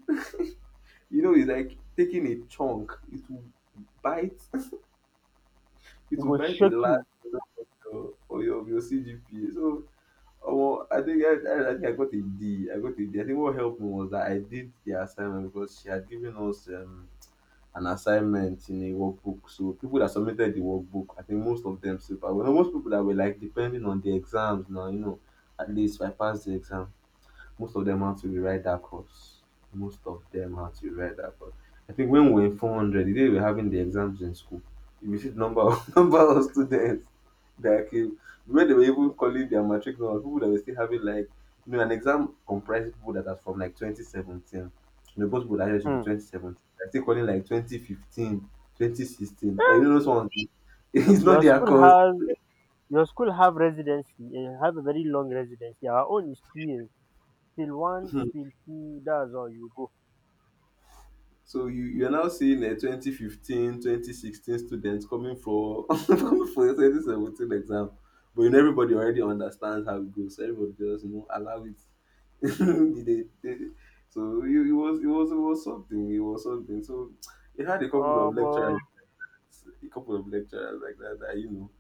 [SPEAKER 2] you know, it's like taking a chunk. It will bite
[SPEAKER 1] it
[SPEAKER 2] it will
[SPEAKER 1] will
[SPEAKER 2] bite a
[SPEAKER 1] shock
[SPEAKER 2] last
[SPEAKER 1] you.
[SPEAKER 2] of, your CGPA. So Oh, I think I think I got a D. I got a D. I think what helped me was that I did the assignment because she had given us an assignment in a workbook. So people that submitted the workbook, I think most of them super well. Most people that were like depending on the exams now, you know, at least I passed the exam, most of them had to rewrite that course. Most of them had to rewrite that course. I think when we were in 400, the day we were having the exams in school, you will see the number of, number of students that came. When they were even calling their matric number, people that were still having like, you know, an exam comprised people that are from like 2017. You know, both people that should be
[SPEAKER 1] Hmm.
[SPEAKER 2] 2017. They're still calling like 2015, 2016. 2016. Like, you know, those ones, it's not
[SPEAKER 1] Your
[SPEAKER 2] their
[SPEAKER 1] school
[SPEAKER 2] cause.
[SPEAKER 1] has your school have residency. Have a very long residency. Our own is 2 years. Still one, still two. That's all you go.
[SPEAKER 2] So you you're now seeing a 2015 2016 students coming for coming for a 2017 exam. But you know everybody already understands how it goes. So everybody just you know allow it. They- they- they- so it was it was it was something. It was something. So it had a couple of
[SPEAKER 1] Um, uh,
[SPEAKER 2] lecturers, like that that you know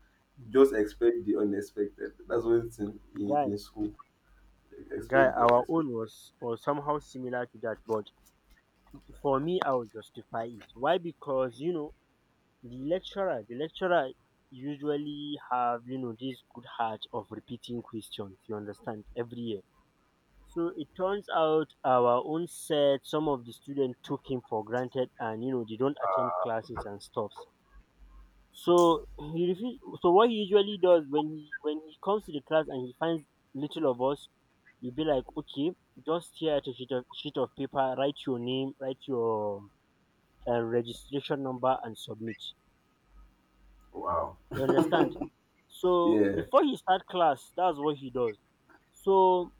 [SPEAKER 2] just expect the unexpected. That's one thing
[SPEAKER 1] guy,
[SPEAKER 2] in school.
[SPEAKER 1] guy.
[SPEAKER 2] Expect the
[SPEAKER 1] Our own
[SPEAKER 2] unexpected.
[SPEAKER 1] was somehow similar to that, but for me, I will justify it. Why? Because you know the lecturer usually have, you know, this good heart of repeating questions, you understand, every year. So it turns out our own set, some of the students took him for granted and, you know, they don't attend classes and stuffs. So he refuse, so what he usually does when he comes to the class and he finds little of us, you'll be like, okay, just here at a sheet of paper, write your name, write your registration number and submit.
[SPEAKER 2] Wow.
[SPEAKER 1] You understand? So
[SPEAKER 2] Yeah.
[SPEAKER 1] before he start class, that's what he does. So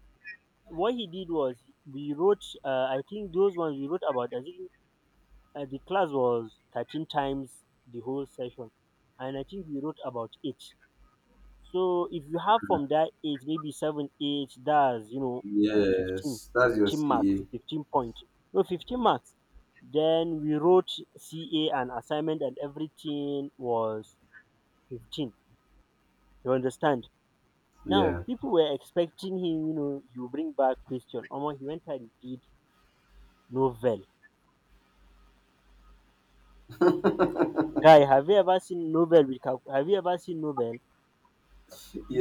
[SPEAKER 1] what he did was we wrote. I think those ones we wrote about. I think the class was 13 times the whole session, and I think we wrote about eight. So if you have from that eight, maybe seven, eight, that's you know, 15,
[SPEAKER 2] Yes. That's your
[SPEAKER 1] 15 marks,
[SPEAKER 2] CA.
[SPEAKER 1] fifteen point, no, 15 marks. Then we wrote CA and assignment and everything was 15. You understand? Now
[SPEAKER 2] Yeah.
[SPEAKER 1] people were expecting him, you know, you bring back Christian. Omo, he went and did novel. Guy, have you ever seen have you ever seen novel?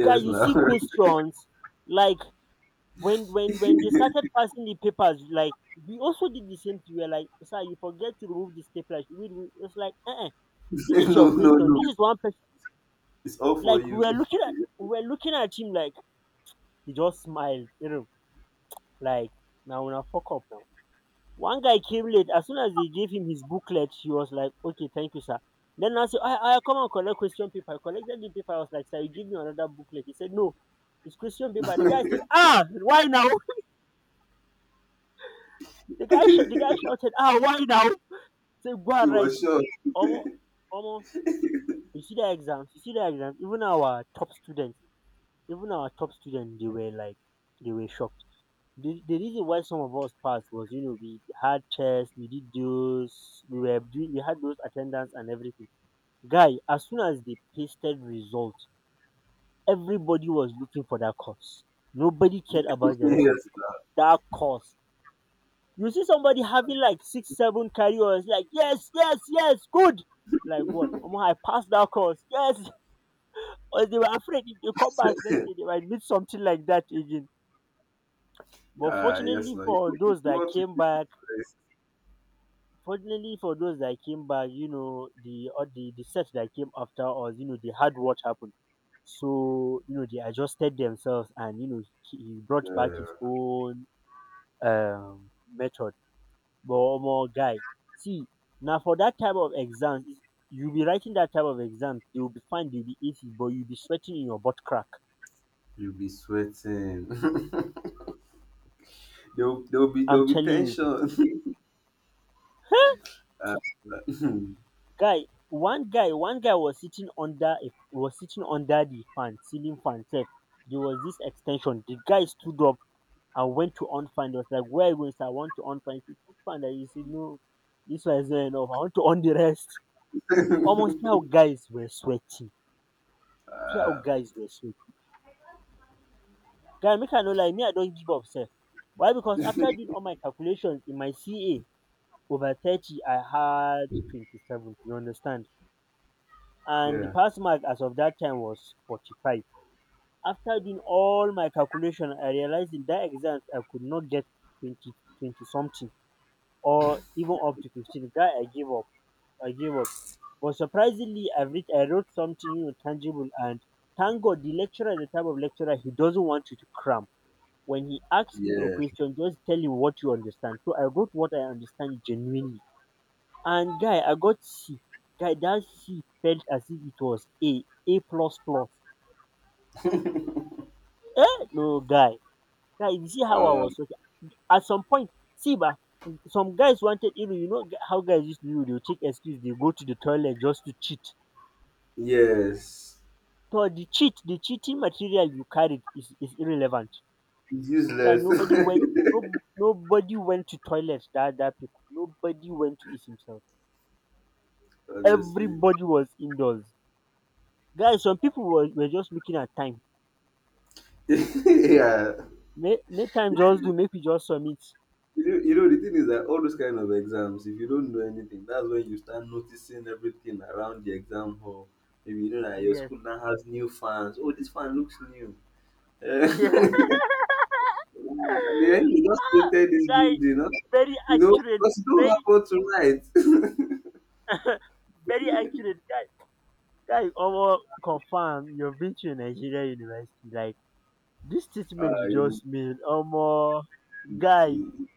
[SPEAKER 1] Guy, you
[SPEAKER 2] now.
[SPEAKER 1] see questions like when they started
[SPEAKER 2] No,
[SPEAKER 1] passing the papers, like we also did the same thing. We were like, "Sir, you forget to remove the stapler. Should we do-" It's like, uh, this is your
[SPEAKER 2] no,
[SPEAKER 1] question.
[SPEAKER 2] no.
[SPEAKER 1] This is one person.
[SPEAKER 2] It's all for
[SPEAKER 1] Like
[SPEAKER 2] you.
[SPEAKER 1] we were looking at him like he just smiled, you know, like now we fuck up now. One guy came late. As soon as they gave him his booklet, he was like, "Okay, thank you, sir." Then I said, I come and collect question paper. I collected the paper. I was like, "Sir, you give me another booklet." He said, "No, it's question paper." The guy said, "Ah, why now?" The guy shouted, "Ah, why now?" Say, go
[SPEAKER 2] He
[SPEAKER 1] and write.
[SPEAKER 2] was sure.
[SPEAKER 1] Omo, omo, you see the exams. Even our top students, they were like, they were shocked. The reason why some of us passed was, you know, we had tests, we did those, we were doing, we had those attendance and everything. Guy, as soon as they pasted results, everybody was looking for that course. Nobody cared about the rest of
[SPEAKER 2] Yes,
[SPEAKER 1] the course. That course. You see somebody having like six, seven careers, like, yes, yes, yes, good. Like what? Omo, I passed that course. Yes. Or they were afraid if they come back next
[SPEAKER 2] now.
[SPEAKER 1] day, they might meet something like that again. But
[SPEAKER 2] Ah, yes,
[SPEAKER 1] fortunately
[SPEAKER 2] now. You,
[SPEAKER 1] for
[SPEAKER 2] you
[SPEAKER 1] those that
[SPEAKER 2] want to
[SPEAKER 1] came
[SPEAKER 2] visit
[SPEAKER 1] back,
[SPEAKER 2] first.
[SPEAKER 1] fortunately for those that came back, you know, the set that came after us, you know, they had what happened. So, you know, they adjusted themselves and, you know, he brought back
[SPEAKER 2] Yeah,
[SPEAKER 1] his own method. But more guy, see, now for that type of exams, you'll be writing that type of exam, you'll be fine, you'll be easy, but you'll be sweating in your butt crack.
[SPEAKER 2] you'll be sweating. there'll, there'll be
[SPEAKER 1] I'm
[SPEAKER 2] there'll be
[SPEAKER 1] telling you.
[SPEAKER 2] tension. Ah,
[SPEAKER 1] Guy, one guy, one guy was sitting under a was sitting under the fan, ceiling fan sef. There was this extension. The guy stood up and went to on fan. He was like, "Where are you going, sir?" "I want to on fan." He said, "This fan that he said, no, this one is not enough. I want to on the rest." Almost see how guys were sweating. See how guys were sweating. Guy, make I no lie, me I don't give up sef. Why? Because after doing all my calculations in my CA over 30, I had 27. You understand? And the
[SPEAKER 2] yeah,
[SPEAKER 1] pass mark as of that time was 45. After doing all my calculation, I realized in that exam I could not get 20 20 something or even up to 15. Guy, I gave up. I gave up. But surprisingly, I wrote something, you know, tangible. And thank God, the lecturer is the type of lecturer he doesn't want you to cram. When he asks you a
[SPEAKER 2] yeah.
[SPEAKER 1] question, just tell him what you understand. So I wrote what I understand genuinely. And guy, I got C. Guy, that C felt as if it was A plus plus. Eh? No, guy. Guy, you see how I
[SPEAKER 2] Um,
[SPEAKER 1] was at some point, see ba, some guys wanted iru, you know how guys used to do, they will take excuse they go to the toilet just to cheat.
[SPEAKER 2] yes.
[SPEAKER 1] So the cheating material you carried is irrelevant. Guy,
[SPEAKER 2] Useless.
[SPEAKER 1] nobody went no nobody went to toilet. Nobody went to it himself.
[SPEAKER 2] Honestly.
[SPEAKER 1] Everybody was indoors. Guys, some people were just looking at time.
[SPEAKER 2] yeah.
[SPEAKER 1] Make time just do, make we just submit.
[SPEAKER 2] The thing is that all those kind of exams, if you don't know anything, that's when you start noticing everything around the exam hall. Maybe you know that your
[SPEAKER 1] Yes.
[SPEAKER 2] school now has new fans. Oh, this fan looks new. Eh, and then you just
[SPEAKER 1] Ah!
[SPEAKER 2] painted this
[SPEAKER 1] Guy,
[SPEAKER 2] building, huh?
[SPEAKER 1] very accurate,
[SPEAKER 2] Because you don't have
[SPEAKER 1] very
[SPEAKER 2] what to write.
[SPEAKER 1] very accurate, guy. Guy, almost confirm you've been to a Nigerian university. Like this
[SPEAKER 2] Uh,
[SPEAKER 1] statement you
[SPEAKER 2] you
[SPEAKER 1] just made, almost guy,
[SPEAKER 2] know, it-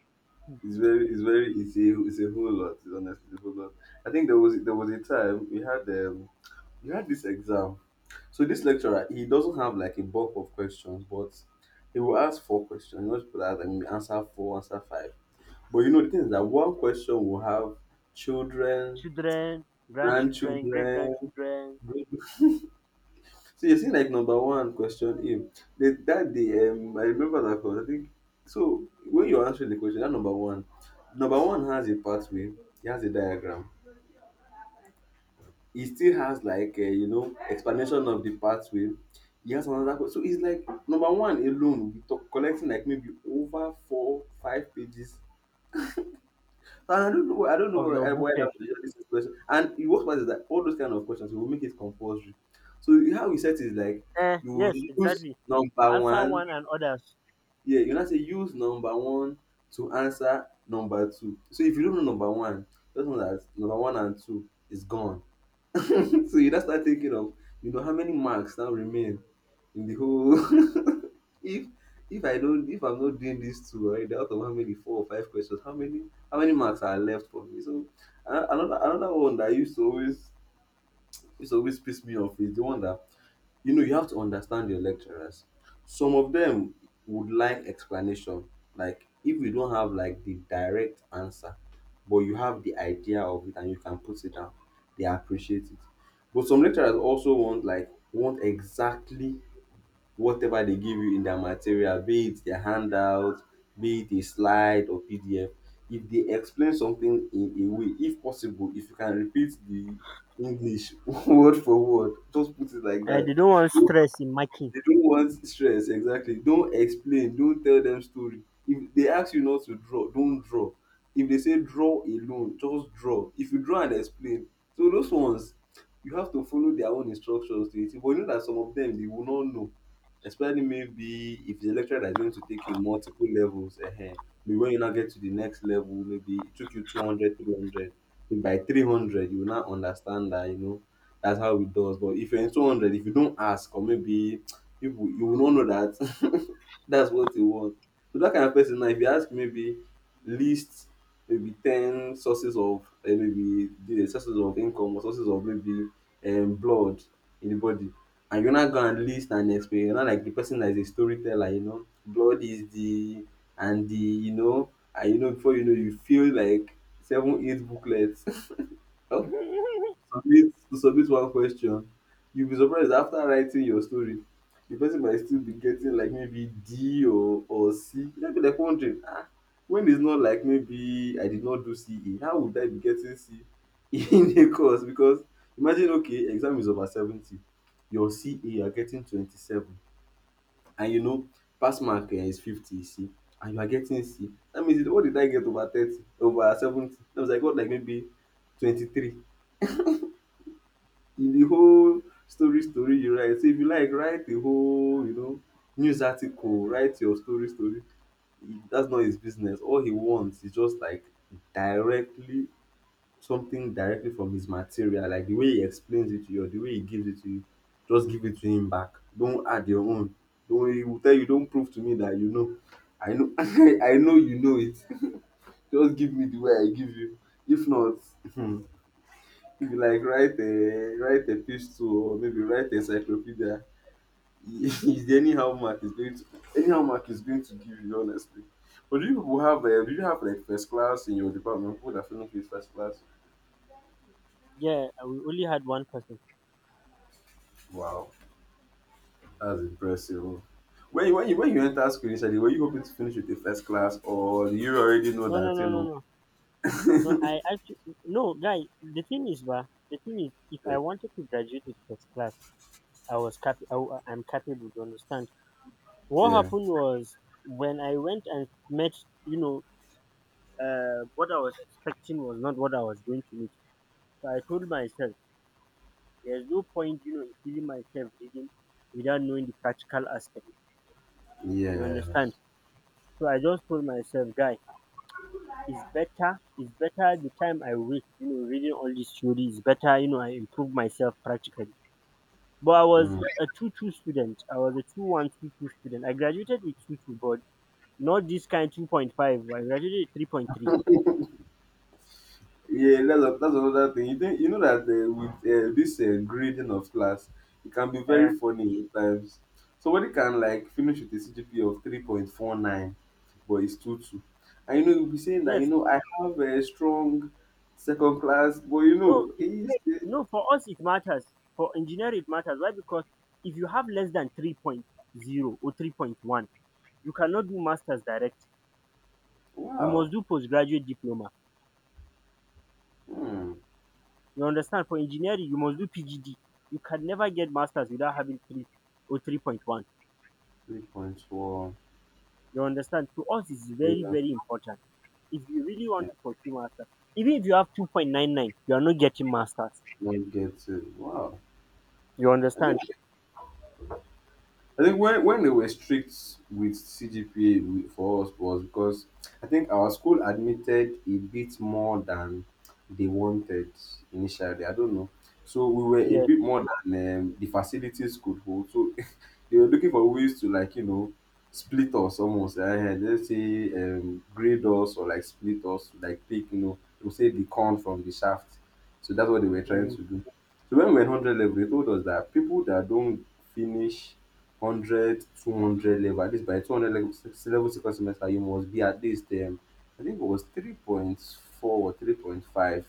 [SPEAKER 2] it's very, it's a, whole lot. It's honestly a whole lot. I think there was a time we had, we had this exam. So this lecturer, he doesn't have like a bulk of questions, but he will ask four questions. He wants people to ask like maybe answer four, answer five. But you know the thing is that one question will have children,
[SPEAKER 1] children, grandchildren, great
[SPEAKER 2] grandchildren.
[SPEAKER 1] grandchildren
[SPEAKER 2] So you see like number one question A. That day, I remember that because I think so when you're answering the question, number one has a pathway, he has a diagram. He still has like explanation of the pathway. He has another question, so it's like number one alone we talk collecting like maybe over four five pages. So I don't know
[SPEAKER 1] of
[SPEAKER 2] why
[SPEAKER 1] your
[SPEAKER 2] that
[SPEAKER 1] booklet.
[SPEAKER 2] was just this question. And the worst part is that all those kind of questions we will make it compulsory. So how we set is like
[SPEAKER 1] Eh,
[SPEAKER 2] you will
[SPEAKER 1] yes,
[SPEAKER 2] use
[SPEAKER 1] exactly.
[SPEAKER 2] number
[SPEAKER 1] Answer
[SPEAKER 2] one,
[SPEAKER 1] one and others.
[SPEAKER 2] yeah, you not say use number one to answer number two. So if you don't know number one, just know that number one and two is gone. So you now start thinking of, you know, how many marks now remain in the whole. if if i'm not doing this too right, out of how many four or five questions, how many marks are left for me. So another one that used to always piss me off is the one that, you have to understand your lecturers. Some of them would like explanation. Like if you don't have like the direct answer, but you have the idea of it and you can put it down, they appreciate it. But some lecturers also want like want exactly whatever they give you in their material, be it their handout, be it a slide or PDF. If they explain something in a way, if possible, if you can repeat the English word for word, just put it like that.
[SPEAKER 1] They don't want stress in marking.
[SPEAKER 2] They don't want stress, exactly. Don't explain, don't tell them story. If they ask you not to draw, don't draw. If they say draw alone, just draw. If you draw and explain, so those ones you have to follow their own instructions to it. But you know that some of them they will not know, especially maybe if the lecturer that's going to take in multiple levels. Maybe when you now get to the next level, maybe it took you 200, 300. 300. By 300, you will now understand that, you know, that's how it does. But if you're in 200, if you don't ask, or maybe people you will not know that that's what they want. So that kind of person now, if you ask maybe list maybe ten sources of maybe the sources of income or sources of maybe blood in the body, and you're not gonna list and explain, you're not like the person that is a storyteller. Blood is the and the and before you know you feel like seven eight booklets. Submit one question, you'll be surprised after writing your story the person might still be getting like maybe d or c. You might be like wondering, ah, when it's not like maybe I did not do ce, how would I be getting c E in a course, because imagine, okay, exam is over 70, your ca you are getting 27, and pass mark is 50, you see, and you are getting c E. That means what did I get over 30 over 70 that was like what, like maybe 23, in the whole story story you write. So if you like write the whole news article, write your story story. That's not his business. All he wants is just like directly something directly from his material, like the way he explains it to you or the way he gives it to you. Just give it to him back. Don't add your own. Don't He will tell you, don't prove to me that you know, I know. I know you know it. Just give me the way I give you. If not, if you like write a epistle or maybe write encyclopedia. Is the anyhow mark is going to give you honestly. But do you people have do you have like first class in your department? People that finish with first class?
[SPEAKER 1] Yeah, we only had one person.
[SPEAKER 2] Wow, that's impressive. When you enter school initially, were you hoping to finish with the first class, or do you already know
[SPEAKER 1] No, no,
[SPEAKER 2] that you
[SPEAKER 1] no, no,
[SPEAKER 2] know?
[SPEAKER 1] no. No, I actually no, guy. The thing is, bah, the thing is, if I
[SPEAKER 2] the-
[SPEAKER 1] wanted to graduate with first class, I was cap. I am capable. You understand? What
[SPEAKER 2] yeah,
[SPEAKER 1] happened was when I went and met, you know, what I was expecting was not what I was going to meet. So I told myself, there's no point, you know, in feeling myself reading without knowing the practical aspect. You
[SPEAKER 2] yeah.
[SPEAKER 1] understand? So I just told myself, guy, it's better the time I waste, you know, reading all this theory, it's better, you know, I improve myself practically. But I was
[SPEAKER 2] Mm.
[SPEAKER 1] a 2-2 student. I was a 2 1 2 2 student. I graduated with 2-2, but not this kind 2.5. I graduated with 3.3.
[SPEAKER 2] Yeah, that's another thing. You think you know that with this grading of class, it can be
[SPEAKER 1] Uh,
[SPEAKER 2] very funny at times. Somebody can like finish with a CGPA of 3.49, but it's two two, and you'll be saying that
[SPEAKER 1] yes.
[SPEAKER 2] I have a strong second class, but
[SPEAKER 1] No, it,
[SPEAKER 2] it's
[SPEAKER 1] no. For us, it matters. For engineering, it matters. Why? Because if you have less than three point zero or 3.1, you cannot do master's direct. You
[SPEAKER 2] wow,
[SPEAKER 1] must do postgraduate diploma.
[SPEAKER 2] hmm,
[SPEAKER 1] You understand? For engineering, you must do PGD. You can never get master's without having 3 or 3.1.
[SPEAKER 2] 3.4.
[SPEAKER 1] You understand? To us, it's
[SPEAKER 2] They
[SPEAKER 1] very,
[SPEAKER 2] don't,
[SPEAKER 1] very important. If you really
[SPEAKER 2] uh,
[SPEAKER 1] want to pursue master's, even if you have 2.99, you are not getting master's.
[SPEAKER 2] not get it. Wow,
[SPEAKER 1] You
[SPEAKER 2] I think
[SPEAKER 1] understand?
[SPEAKER 2] I think when, they were strict with CGPA for us was because I think our school admitted a bit more than they wanted initially. I don't know. So we were a
[SPEAKER 1] Yes.
[SPEAKER 2] bit more than the facilities could hold. So they were looking for ways to like split us almost. Let's say grade us or like split us, like to say the corn from the shaft. So that's what they were trying
[SPEAKER 1] Mm.
[SPEAKER 2] to do. So when we were in 100 level, they told us that people that don't finish 100 200 level, at least by 200 level, level second semester, you must be at least, I think it was 3.4 or 3.5,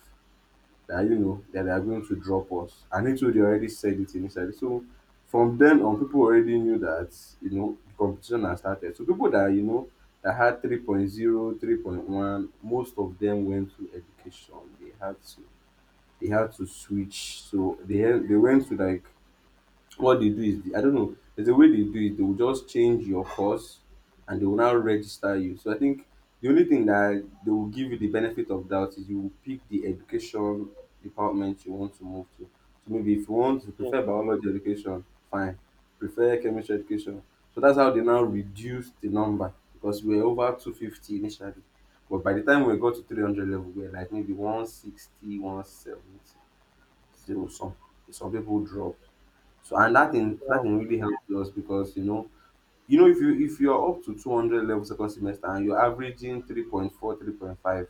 [SPEAKER 2] that that they are going to drop us. And it already said it initially. So from then on, people already knew that the competition had started. So people that that had three point zero, 3.1, most of them went to education. They had to they had to switch. So they went to like what they do I don't know. There's a way they do it. They will just change your course, and they will now register you. So I think the only thing that they will give you the benefit of doubt is you will pick the education department you want to move to. So maybe if you want to
[SPEAKER 1] Yes.
[SPEAKER 2] prefer biology education, fine. Prefer chemistry education. So that's how they now reduce the number because we were over 250 initially. But by the time we got to 300 level, we were like maybe 160. So some people drop. So and that
[SPEAKER 1] Yeah.
[SPEAKER 2] thing really helped us because if you're up to 200 level second semester and you're averaging 3.4 3 point five,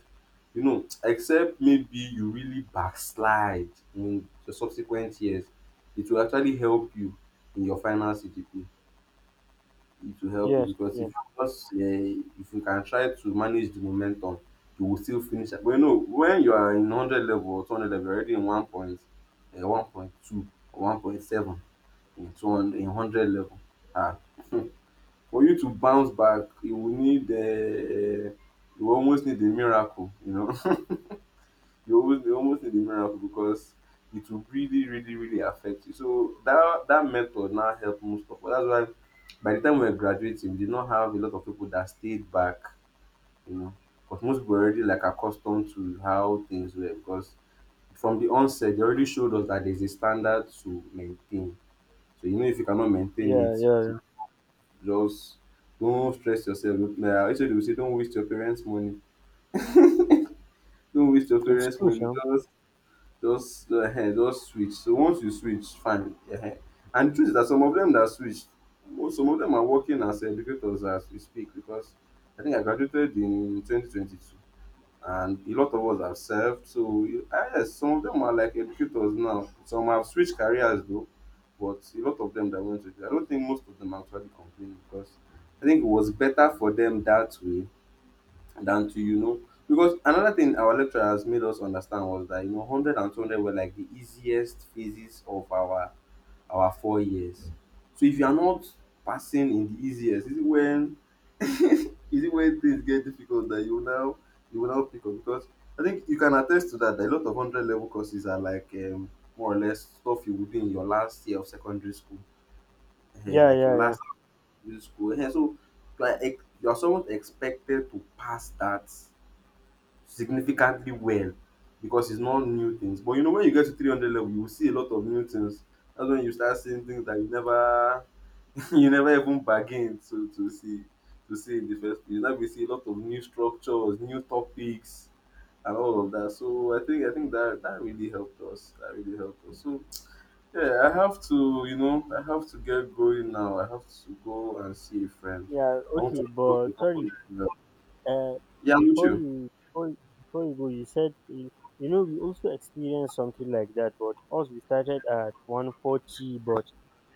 [SPEAKER 2] except maybe you really backslide in the subsequent years, it will actually help you in your final CGP. It will help you
[SPEAKER 1] Yes.
[SPEAKER 2] because
[SPEAKER 1] Yes.
[SPEAKER 2] just uh, if you can try to manage the momentum, you will still finish. But when you are in 100 level or 200 level you're already in 1 point 1.2 or 1.7 in 200 in 100 level. Ah, for you to bounce back, you will need you almost need a miracle. You almost need a miracle because it will really really really affect you. So that method now helped most of us. That's why by the time we were graduating, we did not have a lot of people that stayed back, you know, because most people were already like accustomed to how things were, because from the onset they already showed us that there's a standard to maintain. So if you cannot maintain
[SPEAKER 1] Yeah.
[SPEAKER 2] it,
[SPEAKER 1] Yeah.
[SPEAKER 2] just don't stress yourself. Like I said, we say, don't waste your parents' money. Don't waste your
[SPEAKER 1] It's
[SPEAKER 2] parents'
[SPEAKER 1] true,
[SPEAKER 2] money.
[SPEAKER 1] Sam.
[SPEAKER 2] Just switch. So once you switch, fine. And the truth is that some of them that switched, most some of them are working as educators as we speak, because I think I graduated in 2022 and a lot of us have served. So ah, yes, some of them are like educators now. Some have switched careers though, but a lot of them that went to. I don't think most of them actually complain because I think it was better for them that way than to. Because another thing our lecturer has made us understand was that 100 were like the easiest phases of our 4 years. So if you are not passing in the easiest, is it when is it when things get difficult that you will now pick up because I think you can attest to that, that a lot of 100 level courses are like more or less stuff you would do in your last year of secondary school. Eh,
[SPEAKER 1] Yeah,
[SPEAKER 2] like your
[SPEAKER 1] yeah, yeah,
[SPEAKER 2] last year of school. Eh, so like you're somewhat expected to pass that significantly well because it's not new things. But when you get to 300 level you will see a lot of new things. That's when you start seeing things that you never you never even bargain to see in the first place. Now we see a lot of new structures, new topics, and all of that. So I think that that really helped us. That really helped us. So yeah, I have to get going now. I have to go and see a friend.
[SPEAKER 1] yeah.
[SPEAKER 2] I want to
[SPEAKER 1] Okay,
[SPEAKER 2] pick up
[SPEAKER 1] but
[SPEAKER 2] a couple
[SPEAKER 1] sorry.
[SPEAKER 2] of people.
[SPEAKER 1] Uh,
[SPEAKER 2] Yeah, I'm with
[SPEAKER 1] before
[SPEAKER 2] you.
[SPEAKER 1] you before, before you go, you said you, you know we also experienced something like that. But us we started at 140, but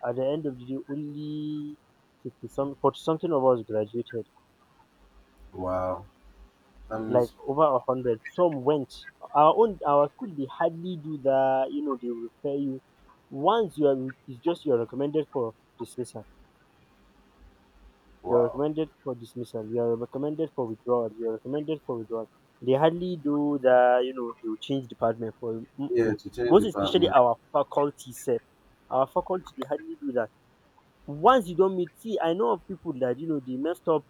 [SPEAKER 1] at the end of the day, only 50 some 40 something of us graduated.
[SPEAKER 2] Wow, that
[SPEAKER 1] Like
[SPEAKER 2] means
[SPEAKER 1] over a hundred. Some went. Our school they hardly do that. You know they will pay you once you are. It's just you are recommended for dismissal. You're
[SPEAKER 2] wow.
[SPEAKER 1] recommended for dismissal. You're recommended for withdrawal. You're recommended for withdrawal. They hardly do the, you know, they will change department for you.
[SPEAKER 2] Yeah,
[SPEAKER 1] Mm-mm.
[SPEAKER 2] to change
[SPEAKER 1] Most especially
[SPEAKER 2] department.
[SPEAKER 1] our faculty self. Our faculty, they hardly do that. Once you don't meet, see, I know of people that, you know, they messed up.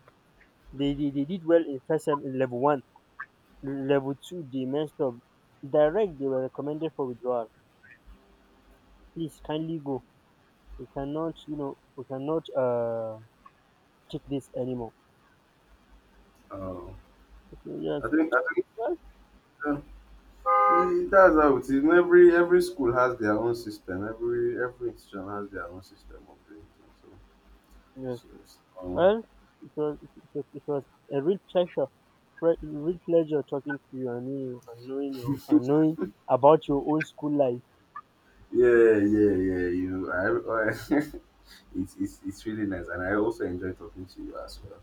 [SPEAKER 1] They did well in first sem in level one. Level two, they messed up. Direct, they were recommended for withdrawal. Please, kindly go. We cannot, you know, we cannot take this anymore.
[SPEAKER 2] Oh,
[SPEAKER 1] So, yes,
[SPEAKER 2] I think.
[SPEAKER 1] well,
[SPEAKER 2] Uh, E that's how it is. In every school has their own system. Every institution has their own system of doing things.
[SPEAKER 1] yes.
[SPEAKER 2] So it's
[SPEAKER 1] Well, it was a real pleasure talking to you and knowing you and knowing about your old school life.
[SPEAKER 2] yeah, yeah, yeah. You know, I it's really nice, and I also enjoy talking to you as well.